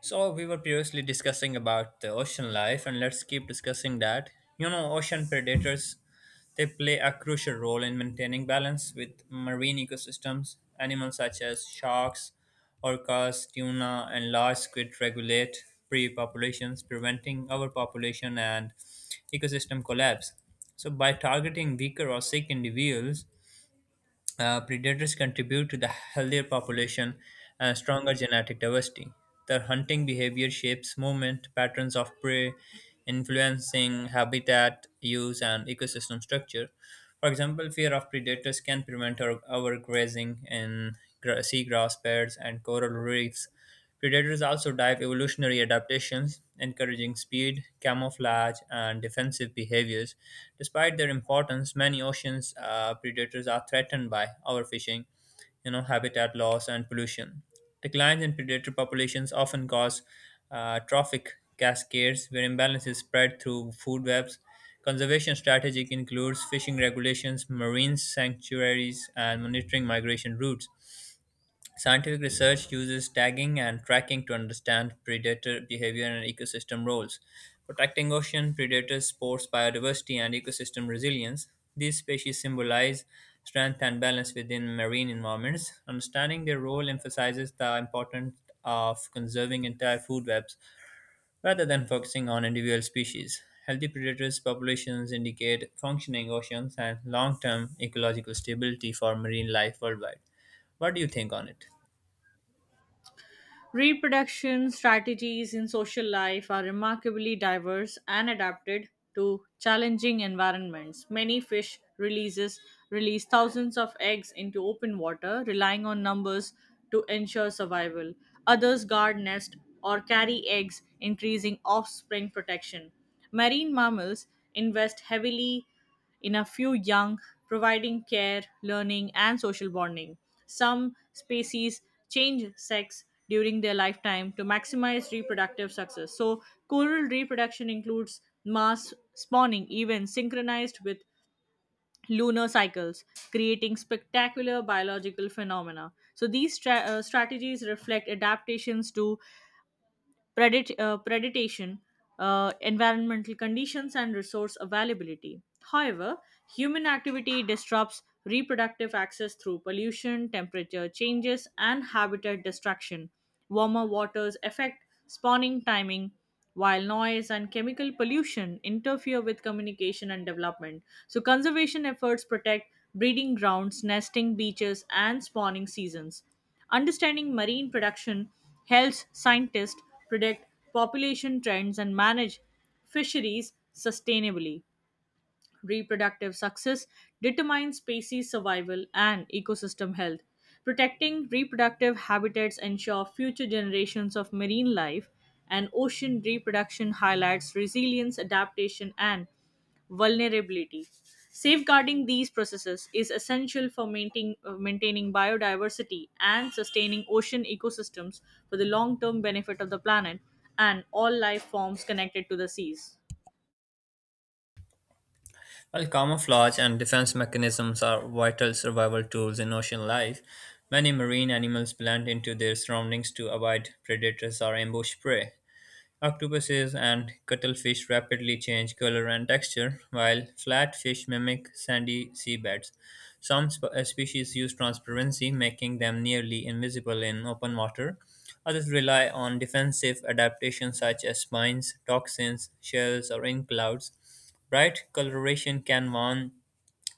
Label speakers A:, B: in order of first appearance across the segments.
A: So we were previously discussing about the ocean life, and let's keep discussing that. You know, ocean predators they play a crucial role in maintaining balance with marine ecosystems. Animals such as sharks, orcas, tuna, and large squid regulate prey populations, preventing overpopulation and ecosystem collapse. So by targeting weaker or sick individuals, predators contribute to the healthier population and stronger genetic diversity. Their hunting behavior shapes movement, patterns of prey, influencing habitat use and ecosystem structure. For example, fear of predators can prevent overgrazing in seagrass beds and coral reefs. Predators also dive evolutionary adaptations, encouraging speed, camouflage, and defensive behaviors. Despite their importance, many oceans predators are threatened by overfishing, you know, habitat loss, and pollution. Declines in predator populations often cause trophic cascades, where imbalances spread through food webs. Conservation strategy includes fishing regulations, marine sanctuaries, and monitoring migration routes. Scientific research uses tagging and tracking to understand predator behavior and ecosystem roles, protecting ocean predators, supports biodiversity, and ecosystem resilience. These species symbolize strength and balance within marine environments. Understanding their role emphasizes the importance of conserving entire food webs rather than focusing on individual species. Healthy predators populations indicate functioning oceans and long-term ecological stability for marine life worldwide. What do you think on it?
B: Reproduction strategies in social life are remarkably diverse and adapted to challenging environments. Many fish releases release thousands of eggs into open water, relying on numbers to ensure survival. Others guard nest or carry eggs, increasing offspring protection. Marine mammals invest heavily in a few young, providing care, learning, and social bonding. Some species change sex during their lifetime to maximize reproductive success. So, coral reproduction includes mass spawning, even synchronized with lunar cycles, creating spectacular biological phenomena. So, these strategies reflect adaptations to predation, environmental conditions, and resource availability. However, human activity disrupts reproductive access through pollution, temperature changes, and habitat destruction. Warmer waters affect spawning timing, while noise and chemical pollution interfere with communication and development. So, conservation efforts protect breeding grounds, nesting beaches, and spawning seasons. Understanding marine production Health scientists predict population trends and manage fisheries sustainably. Reproductive success determines species survival and ecosystem health. Protecting reproductive habitats ensure future generations of marine life and ocean reproduction highlights resilience, adaptation and vulnerability. Safeguarding these processes is essential for maintaining biodiversity and sustaining ocean ecosystems for the long term benefit of the planet and all life forms connected to the seas.
A: While camouflage and defense mechanisms are vital survival tools in ocean life, many marine animals blend into their surroundings to avoid predators or ambush prey. Octopuses and cuttlefish rapidly change color and texture, while flat fish mimic sandy seabeds. Some species use transparency, making them nearly invisible in open water. Others rely on defensive adaptation such as spines, toxins, shells, or ink clouds. Bright coloration can warn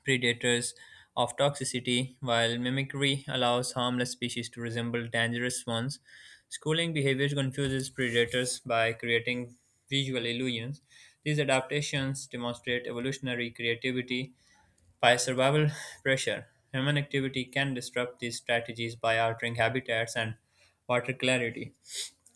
A: predators of toxicity, while mimicry allows harmless species to resemble dangerous ones. Schooling behavior confuses predators by creating visual illusions. These adaptations demonstrate evolutionary creativity by survival pressure. Human activity can disrupt these strategies by altering habitats and water clarity.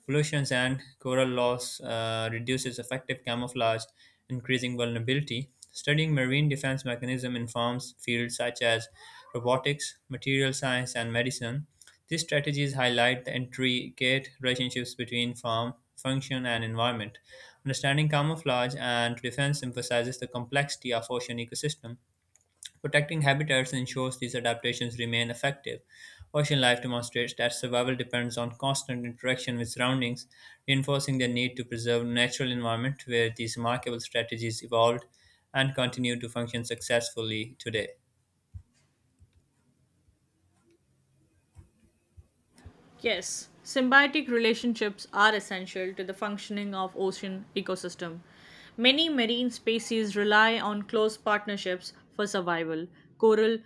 A: Pollutions and coral loss reduces effective camouflage, increasing vulnerability. Studying marine defense mechanism informs fields such as robotics, material science, and medicine. These strategies highlight the intricate relationships between form, function, and environment. Understanding camouflage and defense emphasizes the complexity of ocean ecosystem. Protecting habitats ensures these adaptations remain effective. Ocean life demonstrates that survival depends on constant interaction with surroundings, reinforcing the need to preserve natural environment where these remarkable strategies evolved and continue to function successfully today.
B: Yes, symbiotic relationships are essential to the functioning of ocean ecosystem. Many marine species rely on close partnerships for survival. Coral,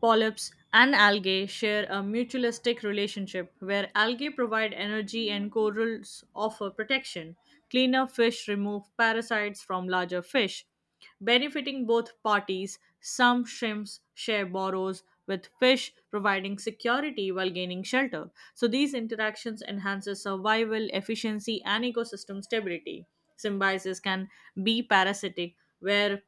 B: polyps, and algae share a mutualistic relationship where algae provide energy and corals offer protection. Cleaner fish remove parasites from larger fish, benefiting both parties. Some shrimps share burrows with fish, providing security while gaining shelter. So these interactions enhances survival, efficiency, and ecosystem stability. Symbiosis can be parasitic, where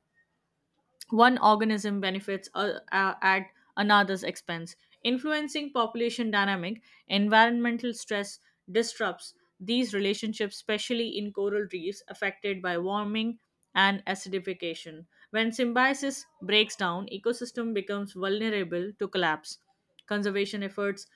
B: one organism benefits at another's expense, influencing population dynamic. Environmental stress disrupts these relationships, especially in coral reefs affected by warming and acidification. When symbiosis breaks down, ecosystem becomes vulnerable to collapse. Conservation efforts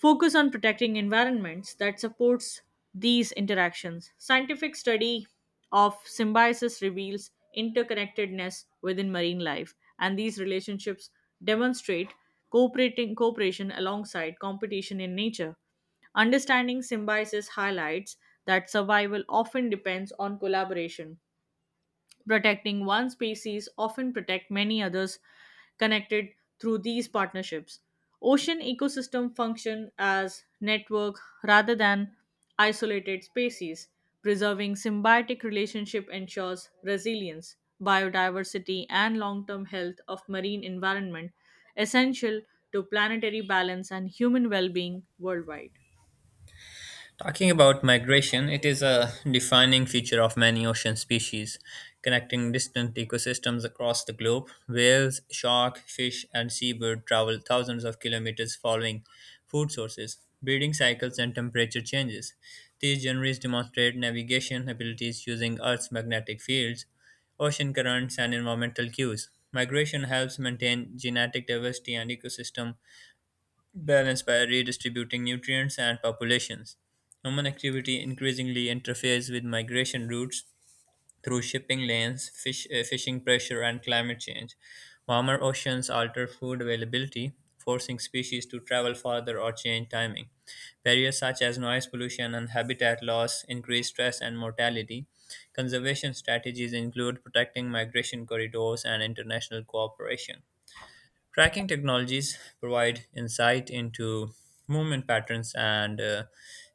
B: focus on protecting environments that supports these interactions. Scientific study of symbiosis reveals interconnectedness within marine life, and these relationships demonstrate cooperating cooperation alongside competition in nature. Understanding symbiosis highlights that survival often depends on collaboration. Protecting one species often protect many others connected through these partnerships. Ocean ecosystem function as network rather than isolated species. Preserving symbiotic relationship ensures resilience, biodiversity and long-term health of marine environment, essential to planetary balance and human well-being worldwide.
A: Talking about migration, it is a defining feature of many ocean species, connecting distant ecosystems across the globe. Whales, shark, fish, and seabird travel thousands of kilometers following food sources, breeding cycles, and temperature changes. These generators demonstrate navigation abilities using Earth's magnetic fields, ocean currents, and environmental cues. Migration helps maintain genetic diversity and ecosystem balance by redistributing nutrients and populations. Human activity increasingly interferes with migration routes through shipping lanes, fishing pressure, and climate change. Warmer oceans alter food availability, forcing species to travel farther or change timing. Barriers such as noise pollution and habitat loss increase stress and mortality. Conservation strategies include protecting migration corridors and international cooperation. Tracking technologies provide insight into movement patterns and uh,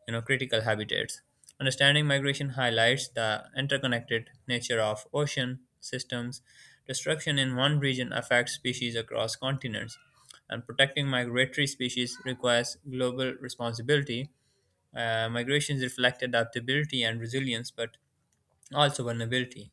A: you know critical habitats. Understanding migration highlights the interconnected nature of ocean systems. Destruction in one region affects species across continents, and protecting migratory species requires global responsibility. Migrations reflect adaptability and resilience, but also, vulnerability.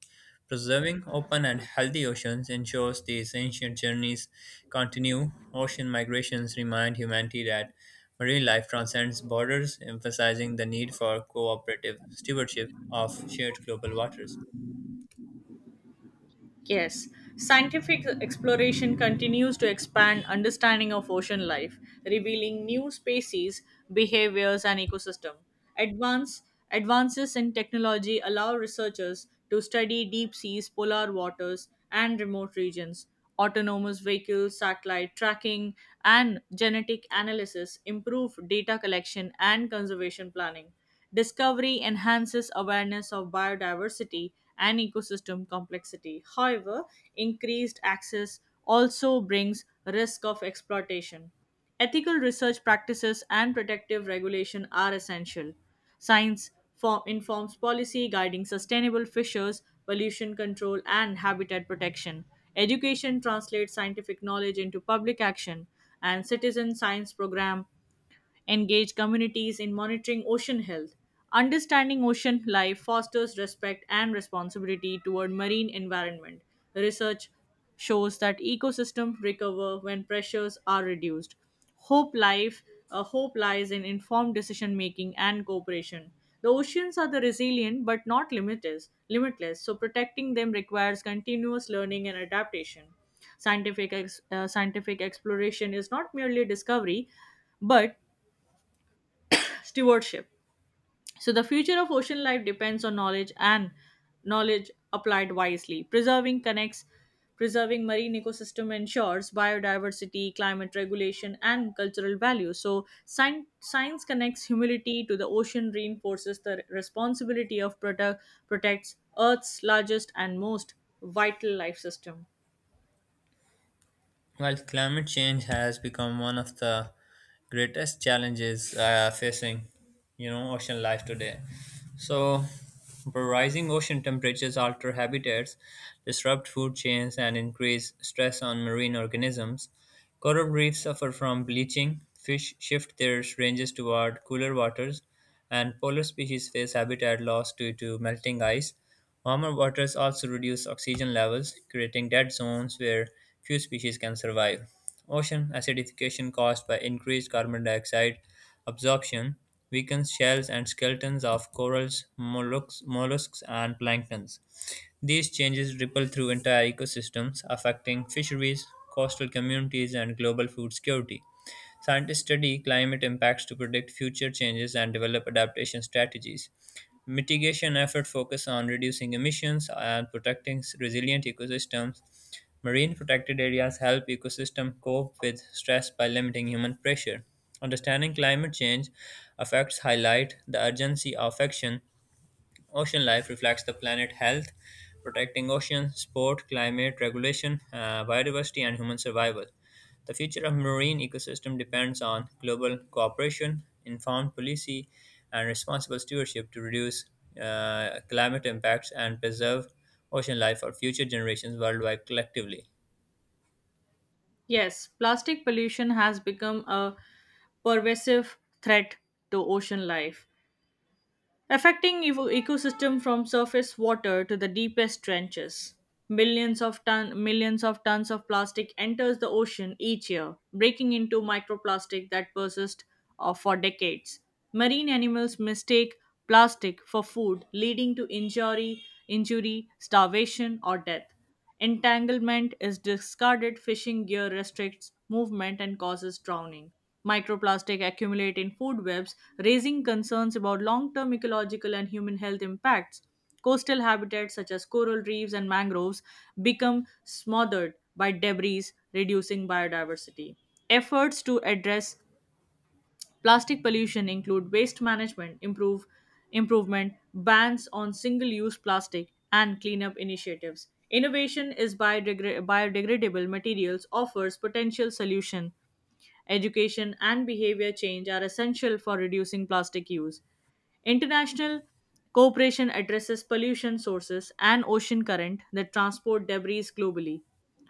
A: Preserving open and healthy oceans ensures these ancient journeys continue. Ocean migrations remind humanity that marine life transcends borders, emphasizing the need for cooperative stewardship of shared global waters.
B: Yes, scientific exploration continues to expand understanding of ocean life, revealing new species, behaviors, and ecosystem. Advance, Advances in technology allow researchers to study deep seas, polar waters, and remote regions. Autonomous vehicles, satellite tracking, and genetic analysis improve data collection and conservation planning. Discovery enhances awareness of biodiversity and ecosystem complexity. However, increased access also brings risk of exploitation. Ethical research practices and protective regulation are essential. Informs policy guiding sustainable fishers, pollution control, and habitat protection. Education translates scientific knowledge into public action, and citizen science program engage communities in monitoring ocean health. Understanding ocean life fosters respect and responsibility toward marine environment. Research shows that ecosystems recover when pressures are reduced. Hope life Hope lies in informed decision making and cooperation. The oceans are the resilient but not limitless, so protecting them requires continuous learning and adaptation. Scientific exploration is not merely discovery, but stewardship. So the future of ocean life depends on knowledge and knowledge applied wisely. Preserving marine ecosystem ensures biodiversity, climate regulation and cultural value. So science connects humility to the ocean, reinforces the responsibility of protects earth's largest and most vital life system.
A: While climate change has become one of the greatest challenges facing, you know, ocean life today. So where rising ocean temperatures alter habitats, disrupt food chains, and increase stress on marine organisms. Coral reefs suffer from bleaching, fish shift their ranges toward cooler waters, and polar species face habitat loss due to melting ice. Warmer waters also reduce oxygen levels, creating dead zones where few species can survive. Ocean acidification caused by increased carbon dioxide absorption weakens shells and skeletons of corals, mollusks and planktons. These changes ripple through entire ecosystems, affecting fisheries, coastal communities, and global food security. Scientists study climate impacts to predict future changes and develop adaptation strategies. Mitigation efforts focus on reducing emissions and protecting resilient ecosystems. Marine protected areas help ecosystem cope with stress by limiting human pressure. Understanding climate change affects highlight the urgency of action. Ocean life reflects the planet health, protecting oceans, sport, climate regulation, biodiversity, and human survival. The future of marine ecosystem depends on global cooperation, informed policy, and responsible stewardship to reduce climate impacts and preserve ocean life for future generations worldwide collectively.
B: Yes, plastic pollution has become a pervasive threat to ocean life, affecting ecosystem from surface water to the deepest trenches. Millions of tons of plastic enters the ocean each year, breaking into microplastic that persist for decades. Marine animals mistake plastic for food, leading to injury, starvation, or death. Entanglement is discarded, fishing gear restricts movement and causes drowning. Microplastic accumulate in food webs, raising concerns about long term ecological and human health impacts. Coastal habitats such as coral reefs and mangroves become smothered by debris, reducing biodiversity. Efforts to address Plastic pollution include waste management, improvement, bans on single-use plastic, and cleanup initiatives. Innovation is biodegradable materials offers potential solution. Education and behavior change are essential for reducing plastic use. International cooperation addresses pollution sources and ocean current that transport debris globally.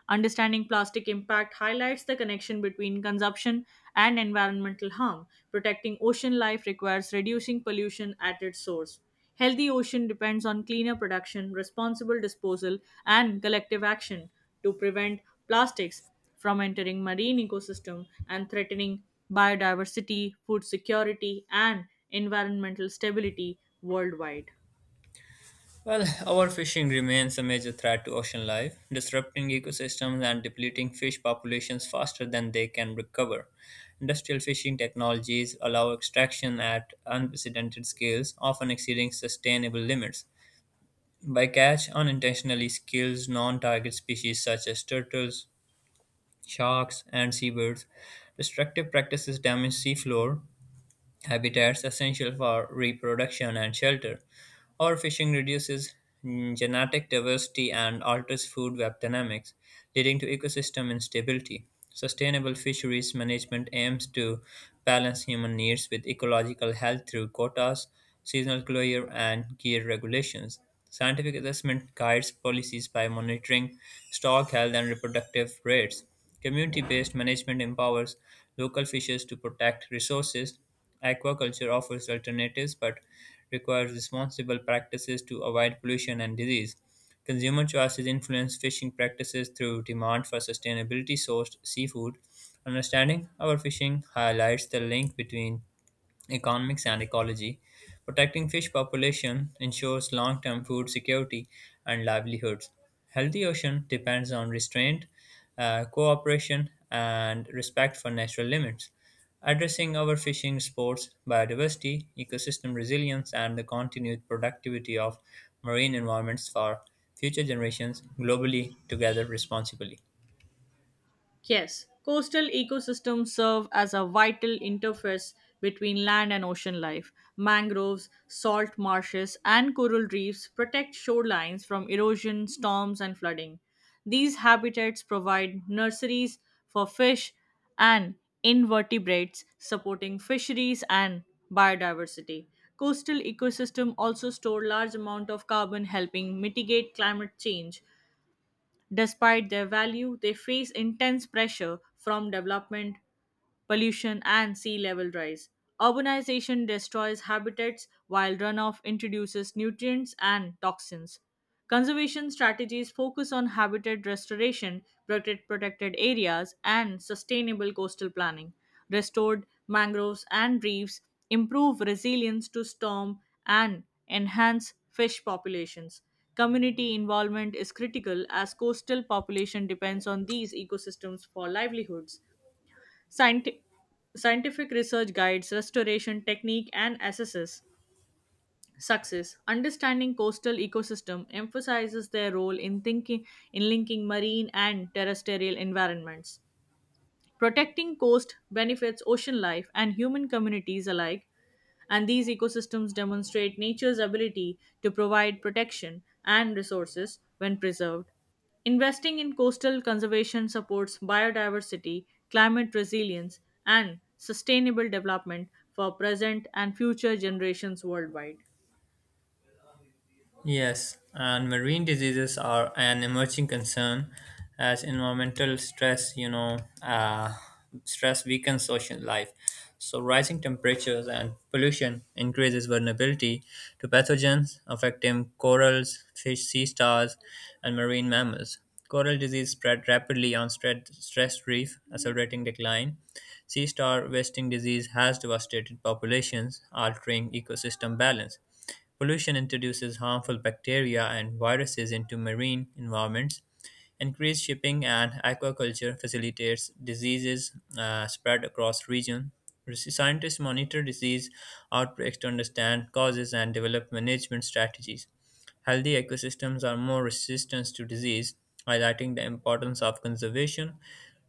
B: Understanding plastic impact highlights the connection between consumption and environmental harm. Protecting ocean life requires reducing pollution at its source. Healthy ocean depends on cleaner production, responsible disposal, and collective action to prevent plastics from entering marine ecosystem and threatening biodiversity, food security, and environmental stability worldwide.
A: Well, overfishing remains a major threat to ocean life, disrupting ecosystems and depleting fish populations faster than they can recover. Industrial fishing technologies allow extraction at unprecedented scales, often exceeding sustainable limits. Bycatch unintentionally kills non target species such as turtles, sharks, and seabirds. Destructive practices damage seafloor, habitats essential for reproduction and shelter. Overfishing reduces genetic diversity and alters food web dynamics, leading to ecosystem instability. Sustainable fisheries management aims to balance human needs with ecological health through quotas, seasonal closure, and gear regulations. Scientific assessment guides policies by monitoring stock health and reproductive rates. Community based management empowers local fishers to protect resources. Aquaculture offers alternatives but requires responsible practices to avoid pollution and disease. Consumer choices influence fishing practices through demand for sustainability sourced seafood. Understanding our fishing highlights the link between economics, and ecology. Protecting fish population ensures long-term food security and livelihoods. Healthy ocean depends on restraint, cooperation, and respect for natural limits. Addressing overfishing supports biodiversity, ecosystem resilience, and the continued productivity of marine environments for future generations globally together responsibly.
B: Yes, coastal ecosystems serve as a vital interface between land and ocean life. Mangroves, salt marshes, and coral reefs protect shorelines from erosion, storms, and flooding. These habitats provide nurseries for fish and invertebrates, supporting fisheries and biodiversity. Coastal ecosystems also store large amount of carbon, helping mitigate climate change. Despite their value, they face intense pressure from development, pollution, and sea level rise. Urbanization destroys habitats while runoff introduces nutrients and toxins. Conservation strategies focus on habitat restoration, protected areas, and sustainable coastal planning. Restored mangroves and reefs improve resilience to storm and enhance fish populations. Community involvement is critical as coastal population depends on these ecosystems for livelihoods. Scienti- Scientific research guides restoration technique and assesses success. Understanding coastal ecosystem emphasizes their role in thinking in linking marine and terrestrial environments. Protecting coast benefits ocean life and human communities alike, and these ecosystems demonstrate nature's ability to provide protection and resources when preserved. Investing in coastal conservation supports biodiversity, climate resilience, and sustainable development for present and future generations worldwide.
A: Yes, and marine diseases are an emerging concern as environmental stress weakens social life. So rising temperatures and pollution increases vulnerability to pathogens affecting corals, fish, sea stars, and marine mammals. Coral disease spread rapidly on stressed reef, accelerating decline. Sea star wasting disease has devastated populations, altering ecosystem balance. Pollution introduces harmful bacteria and viruses into marine environments. Increased shipping and aquaculture facilitates diseases spread across region. Scientists monitor disease outbreaks to understand causes and develop management strategies. Healthy ecosystems are more resistant to disease, highlighting the importance of conservation,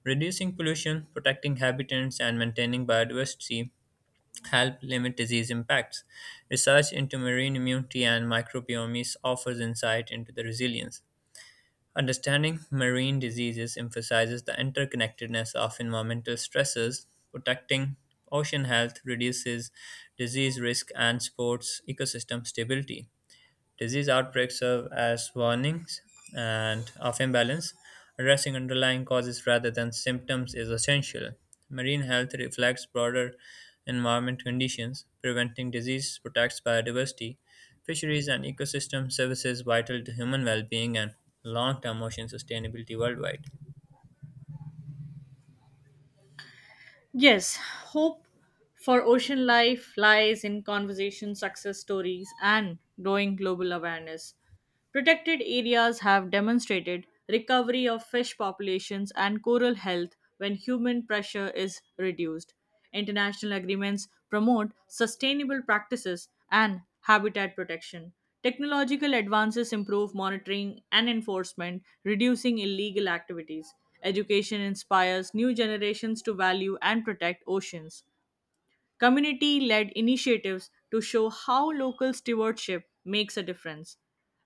A: reducing pollution, protecting habitats, and maintaining biodiversity help limit disease impacts. Research into marine immunity and microbiomes offers insight into the resilience. Understanding marine diseases emphasizes the interconnectedness of environmental stresses. Protecting ocean health reduces disease risk and supports ecosystem stability. Disease outbreaks serve as warnings and of imbalance. Addressing underlying causes rather than symptoms is essential. Marine health reflects broader environment conditions. Preventing disease protects biodiversity. Fisheries and ecosystem services vital to human well-being and long-term ocean sustainability worldwide.
B: Yes, hope for ocean life lies in conversation success stories and growing global awareness. Protected areas have demonstrated recovery of fish populations and coral health when human pressure is reduced. International agreements promote sustainable practices and habitat protection. Technological advances improve monitoring and enforcement, reducing illegal activities. Education inspires new generations to value and protect oceans. Community led initiatives to show how local stewardship makes a difference.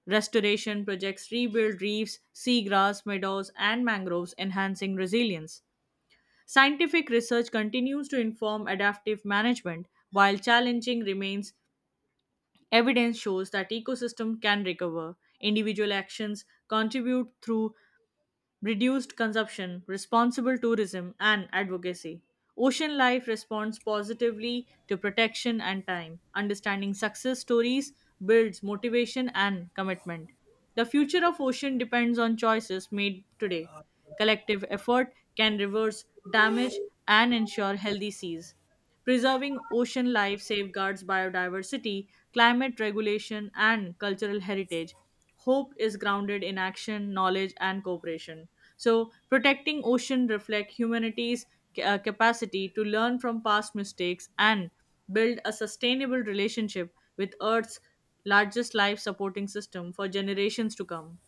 B: Restoration projects rebuild reefs, seagrass, meadows, and mangroves, enhancing resilience. Scientific research continues to inform adaptive management, while challenging remains. Evidence shows that ecosystem can recover. Individual actions contribute through reduced consumption, responsible tourism, and advocacy. Ocean life responds positively to protection and time. Understanding success stories builds motivation and commitment. The future of ocean depends on choices made today. Collective effort can reverse damage and ensure healthy seas. Preserving ocean life safeguards biodiversity, climate regulation, and cultural heritage. Hope is grounded in action, knowledge, and cooperation. So, protecting ocean reflects humanity's capacity to learn from past mistakes and build a sustainable relationship with Earth's largest life supporting system for generations to come.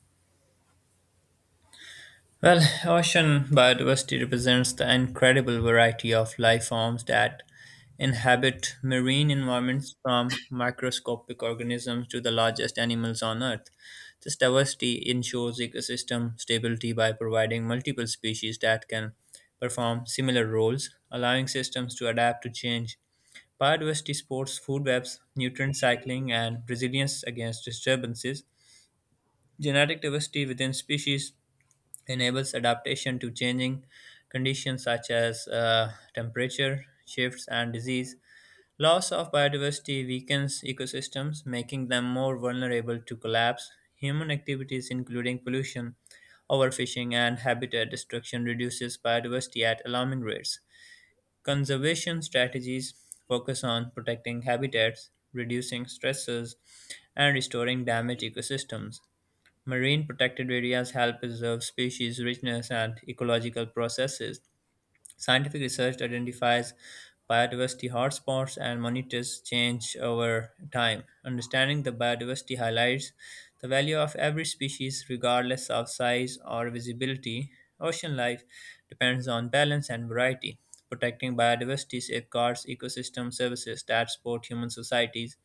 A: Well, ocean biodiversity represents the incredible variety of life forms that inhabit marine environments from microscopic organisms to the largest animals on Earth. This diversity ensures ecosystem stability by providing multiple species that can perform similar roles, allowing systems to adapt to change. Biodiversity supports food webs, nutrient cycling, and resilience against disturbances. Genetic diversity within species enables adaptation to changing conditions such as temperature shifts and disease. Loss of biodiversity weakens ecosystems, making them more vulnerable to collapse. Human activities, including pollution, overfishing, and habitat destruction, reduces biodiversity at alarming rates. Conservation strategies focus on protecting habitats, reducing stresses, and restoring damaged ecosystems. Marine protected areas help preserve species richness and ecological processes. Scientific research identifies biodiversity hotspots and monitors change over time. Understanding the biodiversity highlights the value of every species regardless of size or visibility. Ocean life depends on balance and variety. Protecting biodiversity safeguards ecosystem services that support human societies,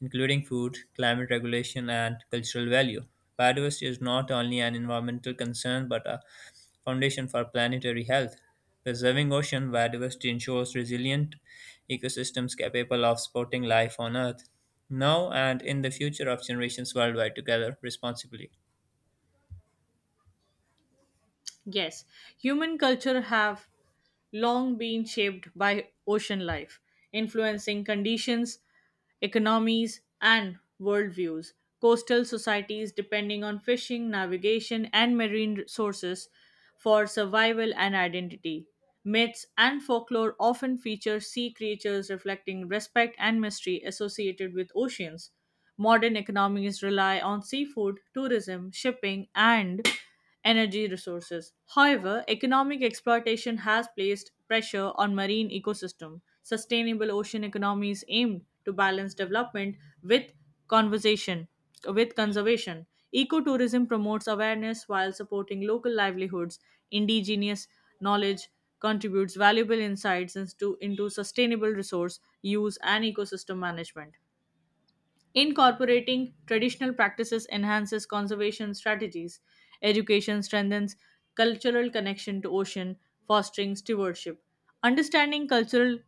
A: including food, climate regulation, and cultural value. Biodiversity is not only an environmental concern but a foundation for planetary health. Preserving ocean biodiversity ensures resilient ecosystems capable of supporting life on Earth now and in the future of generations worldwide together responsibly.
B: Yes, human culture have long been shaped by ocean life, influencing conditions, economies, and worldviews. Coastal societies depending on fishing, navigation, and marine sources for survival and identity. Myths and folklore often feature sea creatures reflecting respect and mystery associated with oceans. Modern economies rely on seafood, tourism, shipping, and energy resources. However, economic exploitation has placed pressure on marine ecosystem. Sustainable ocean economies aim to balance development with conservation. with conservation. Ecotourism promotes awareness while supporting local livelihoods. Indigenous knowledge contributes valuable insights into sustainable resource use and ecosystem management. Incorporating traditional practices enhances conservation strategies. Education strengthens cultural connection to ocean, fostering stewardship. Understanding cultural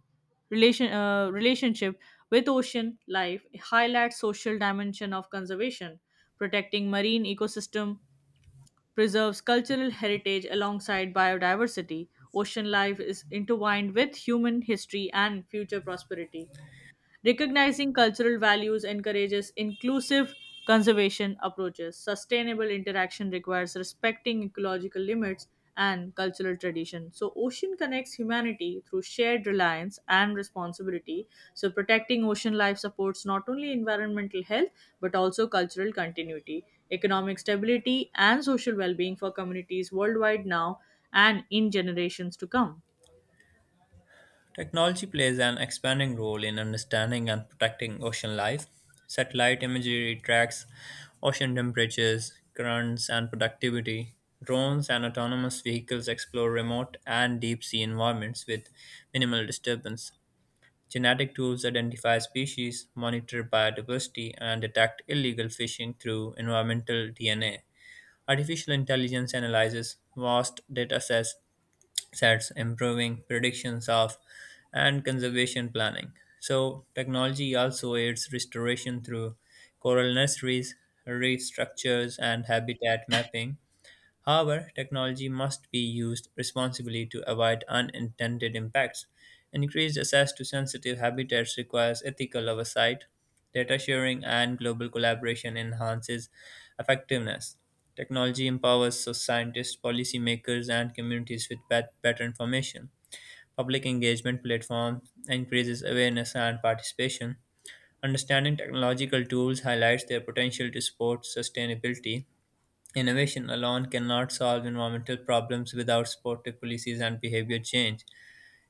B: relationship with ocean life highlights social dimension of conservation. Protecting marine ecosystem preserves cultural heritage alongside biodiversity. Ocean life is intertwined with human history and future prosperity. Recognizing cultural values encourages inclusive conservation approaches. Sustainable interaction requires respecting ecological limits and cultural tradition. So, ocean connects humanity through shared reliance and responsibility. So, protecting ocean life supports not only environmental health but also cultural continuity, economic stability, and social well being for communities worldwide, now and in generations to come.
A: Technology plays an expanding role in understanding and protecting ocean life. Satellite imagery tracks ocean temperatures, currents, and productivity. Drones and autonomous vehicles explore remote and deep sea environments with minimal disturbance. Genetic tools identify species, monitor biodiversity, and detect illegal fishing through environmental DNA. Artificial intelligence analyzes vast data sets, improving predictions of and conservation planning. So, technology also aids restoration through coral nurseries, reef structures, and habitat mapping. However, technology must be used responsibly to avoid unintended impacts. Increased access to sensitive habitats requires ethical oversight. Data sharing and global collaboration enhances effectiveness. Technology empowers scientists, policymakers, and communities with better information. Public engagement platforms increases awareness and participation. Understanding technological tools highlights their potential to support sustainability. Innovation alone cannot solve environmental problems without supportive policies and behavior change.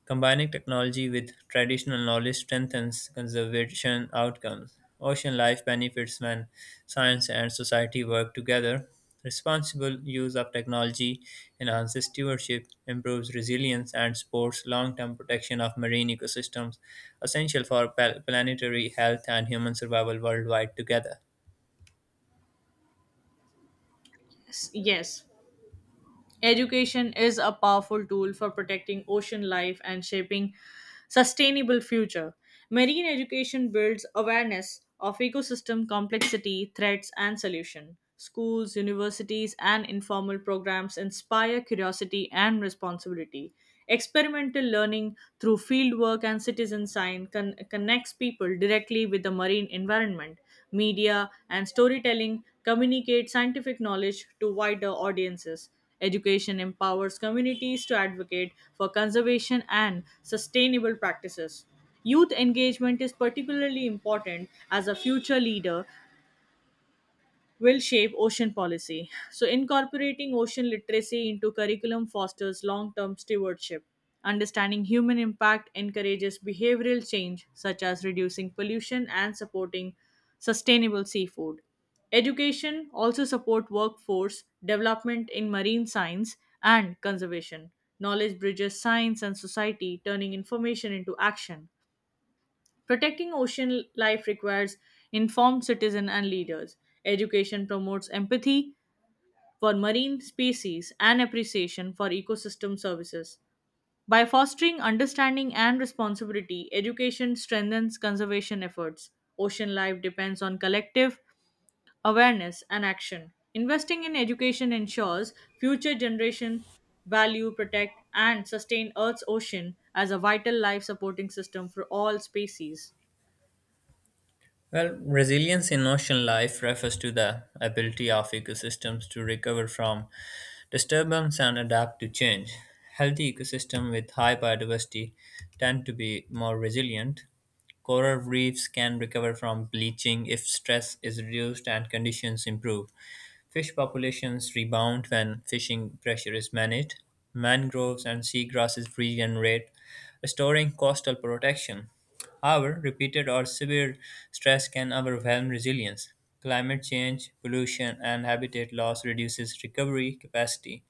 A: Combining technology with traditional knowledge strengthens conservation outcomes. Ocean life benefits when science and society work together. Responsible use of technology enhances stewardship, improves resilience, and supports long term protection of marine ecosystems, essential for planetary health and human survival worldwide together.
B: Yes, education is a powerful tool for protecting ocean life and shaping sustainable future. Marine education builds awareness of ecosystem complexity, threats and solution. Schools, universities and informal programs inspire curiosity and responsibility. Experimental learning through fieldwork and citizen science connects people directly with the marine environment, media, and storytelling communicate scientific knowledge to wider audiences. Education empowers communities to advocate for conservation and sustainable practices. Youth engagement is particularly important as a future leader will shape ocean policy. So, incorporating ocean literacy into curriculum fosters long term stewardship. Understanding human impact encourages behavioral change, such as reducing pollution and supporting sustainable seafood. Education also support workforce development in marine science and conservation. Knowledge bridges science and society, turning information into action. Protecting ocean life requires informed citizens and leaders. Education promotes empathy for marine species and appreciation for ecosystem services. By fostering understanding and responsibility, education strengthens conservation efforts. Ocean life depends on collective awareness and action. Investing in education ensures future generations value, protect, and sustain Earth's ocean as a vital life supporting system for all species.
A: Well, resilience in ocean life refers to the ability of ecosystems to recover from disturbance and adapt to change. Healthy ecosystems with high biodiversity tend to be more resilient. Coral reefs can recover from bleaching if stress is reduced and conditions improve. Fish populations rebound when fishing pressure is managed. Mangroves and seagrasses regenerate, restoring coastal protection. However, repeated or severe stress can overwhelm resilience. Climate change, pollution, and habitat loss reduces recovery capacity.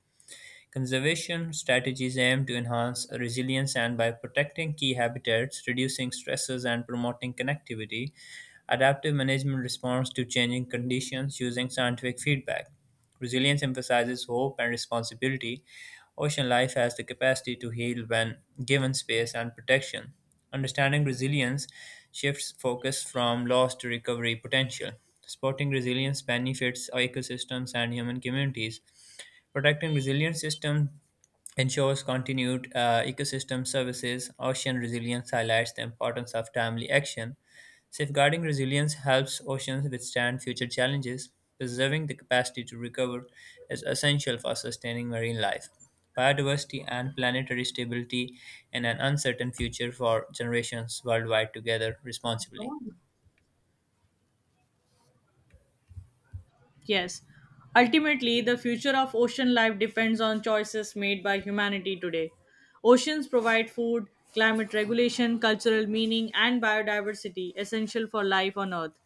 A: Conservation strategies aim to enhance resilience and by protecting key habitats, reducing stresses, and promoting connectivity. Adaptive management responds to changing conditions using scientific feedback. Resilience emphasizes hope and responsibility. Ocean life has the capacity to heal when given space and protection. Understanding resilience shifts focus from loss to recovery potential. Supporting resilience benefits ecosystems and human communities. Protecting resilient systems ensures continued ecosystem services. Ocean resilience highlights the importance of timely action. Safeguarding resilience helps oceans withstand future challenges. Preserving the capacity to recover is essential for sustaining marine life, biodiversity, and planetary stability in an uncertain future for generations worldwide together responsibly.
B: Yes. Ultimately, the future of ocean life depends on choices made by humanity today. Oceans provide food, climate regulation, cultural meaning, and biodiversity essential for life on Earth.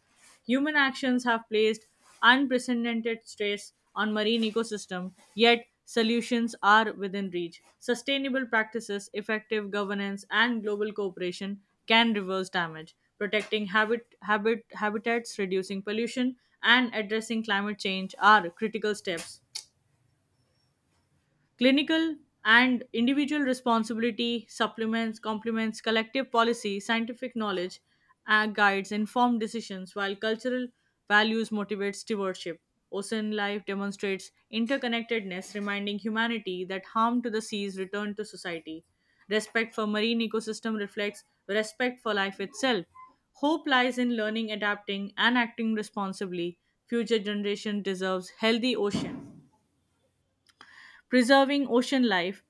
B: Human actions have placed unprecedented stress on marine ecosystem, yet solutions are within reach. Sustainable practices, effective governance, and global cooperation can reverse damage. Protecting habitats, reducing pollution, and addressing climate change are critical steps. Clinical and individual responsibility supplements complements collective policy. Scientific knowledge guides informed decisions, while cultural values motivate stewardship. Ocean life demonstrates interconnectedness, reminding humanity that harm to the seas return to society. Respect for marine ecosystem reflects respect for life itself. Hope lies in learning, adapting and acting responsibly. Future generation deserves healthy ocean. Preserving ocean life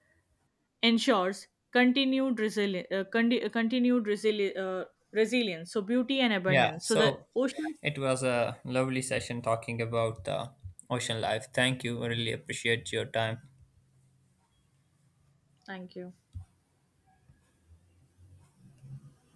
B: ensures continued resili- condi- continued resili- resilience, so beauty and
A: Yeah,
B: abundance so the
A: so
B: oceans.
A: it was a lovely session talking about the ocean life. Thank you. I really appreciate your time.
B: Thank you.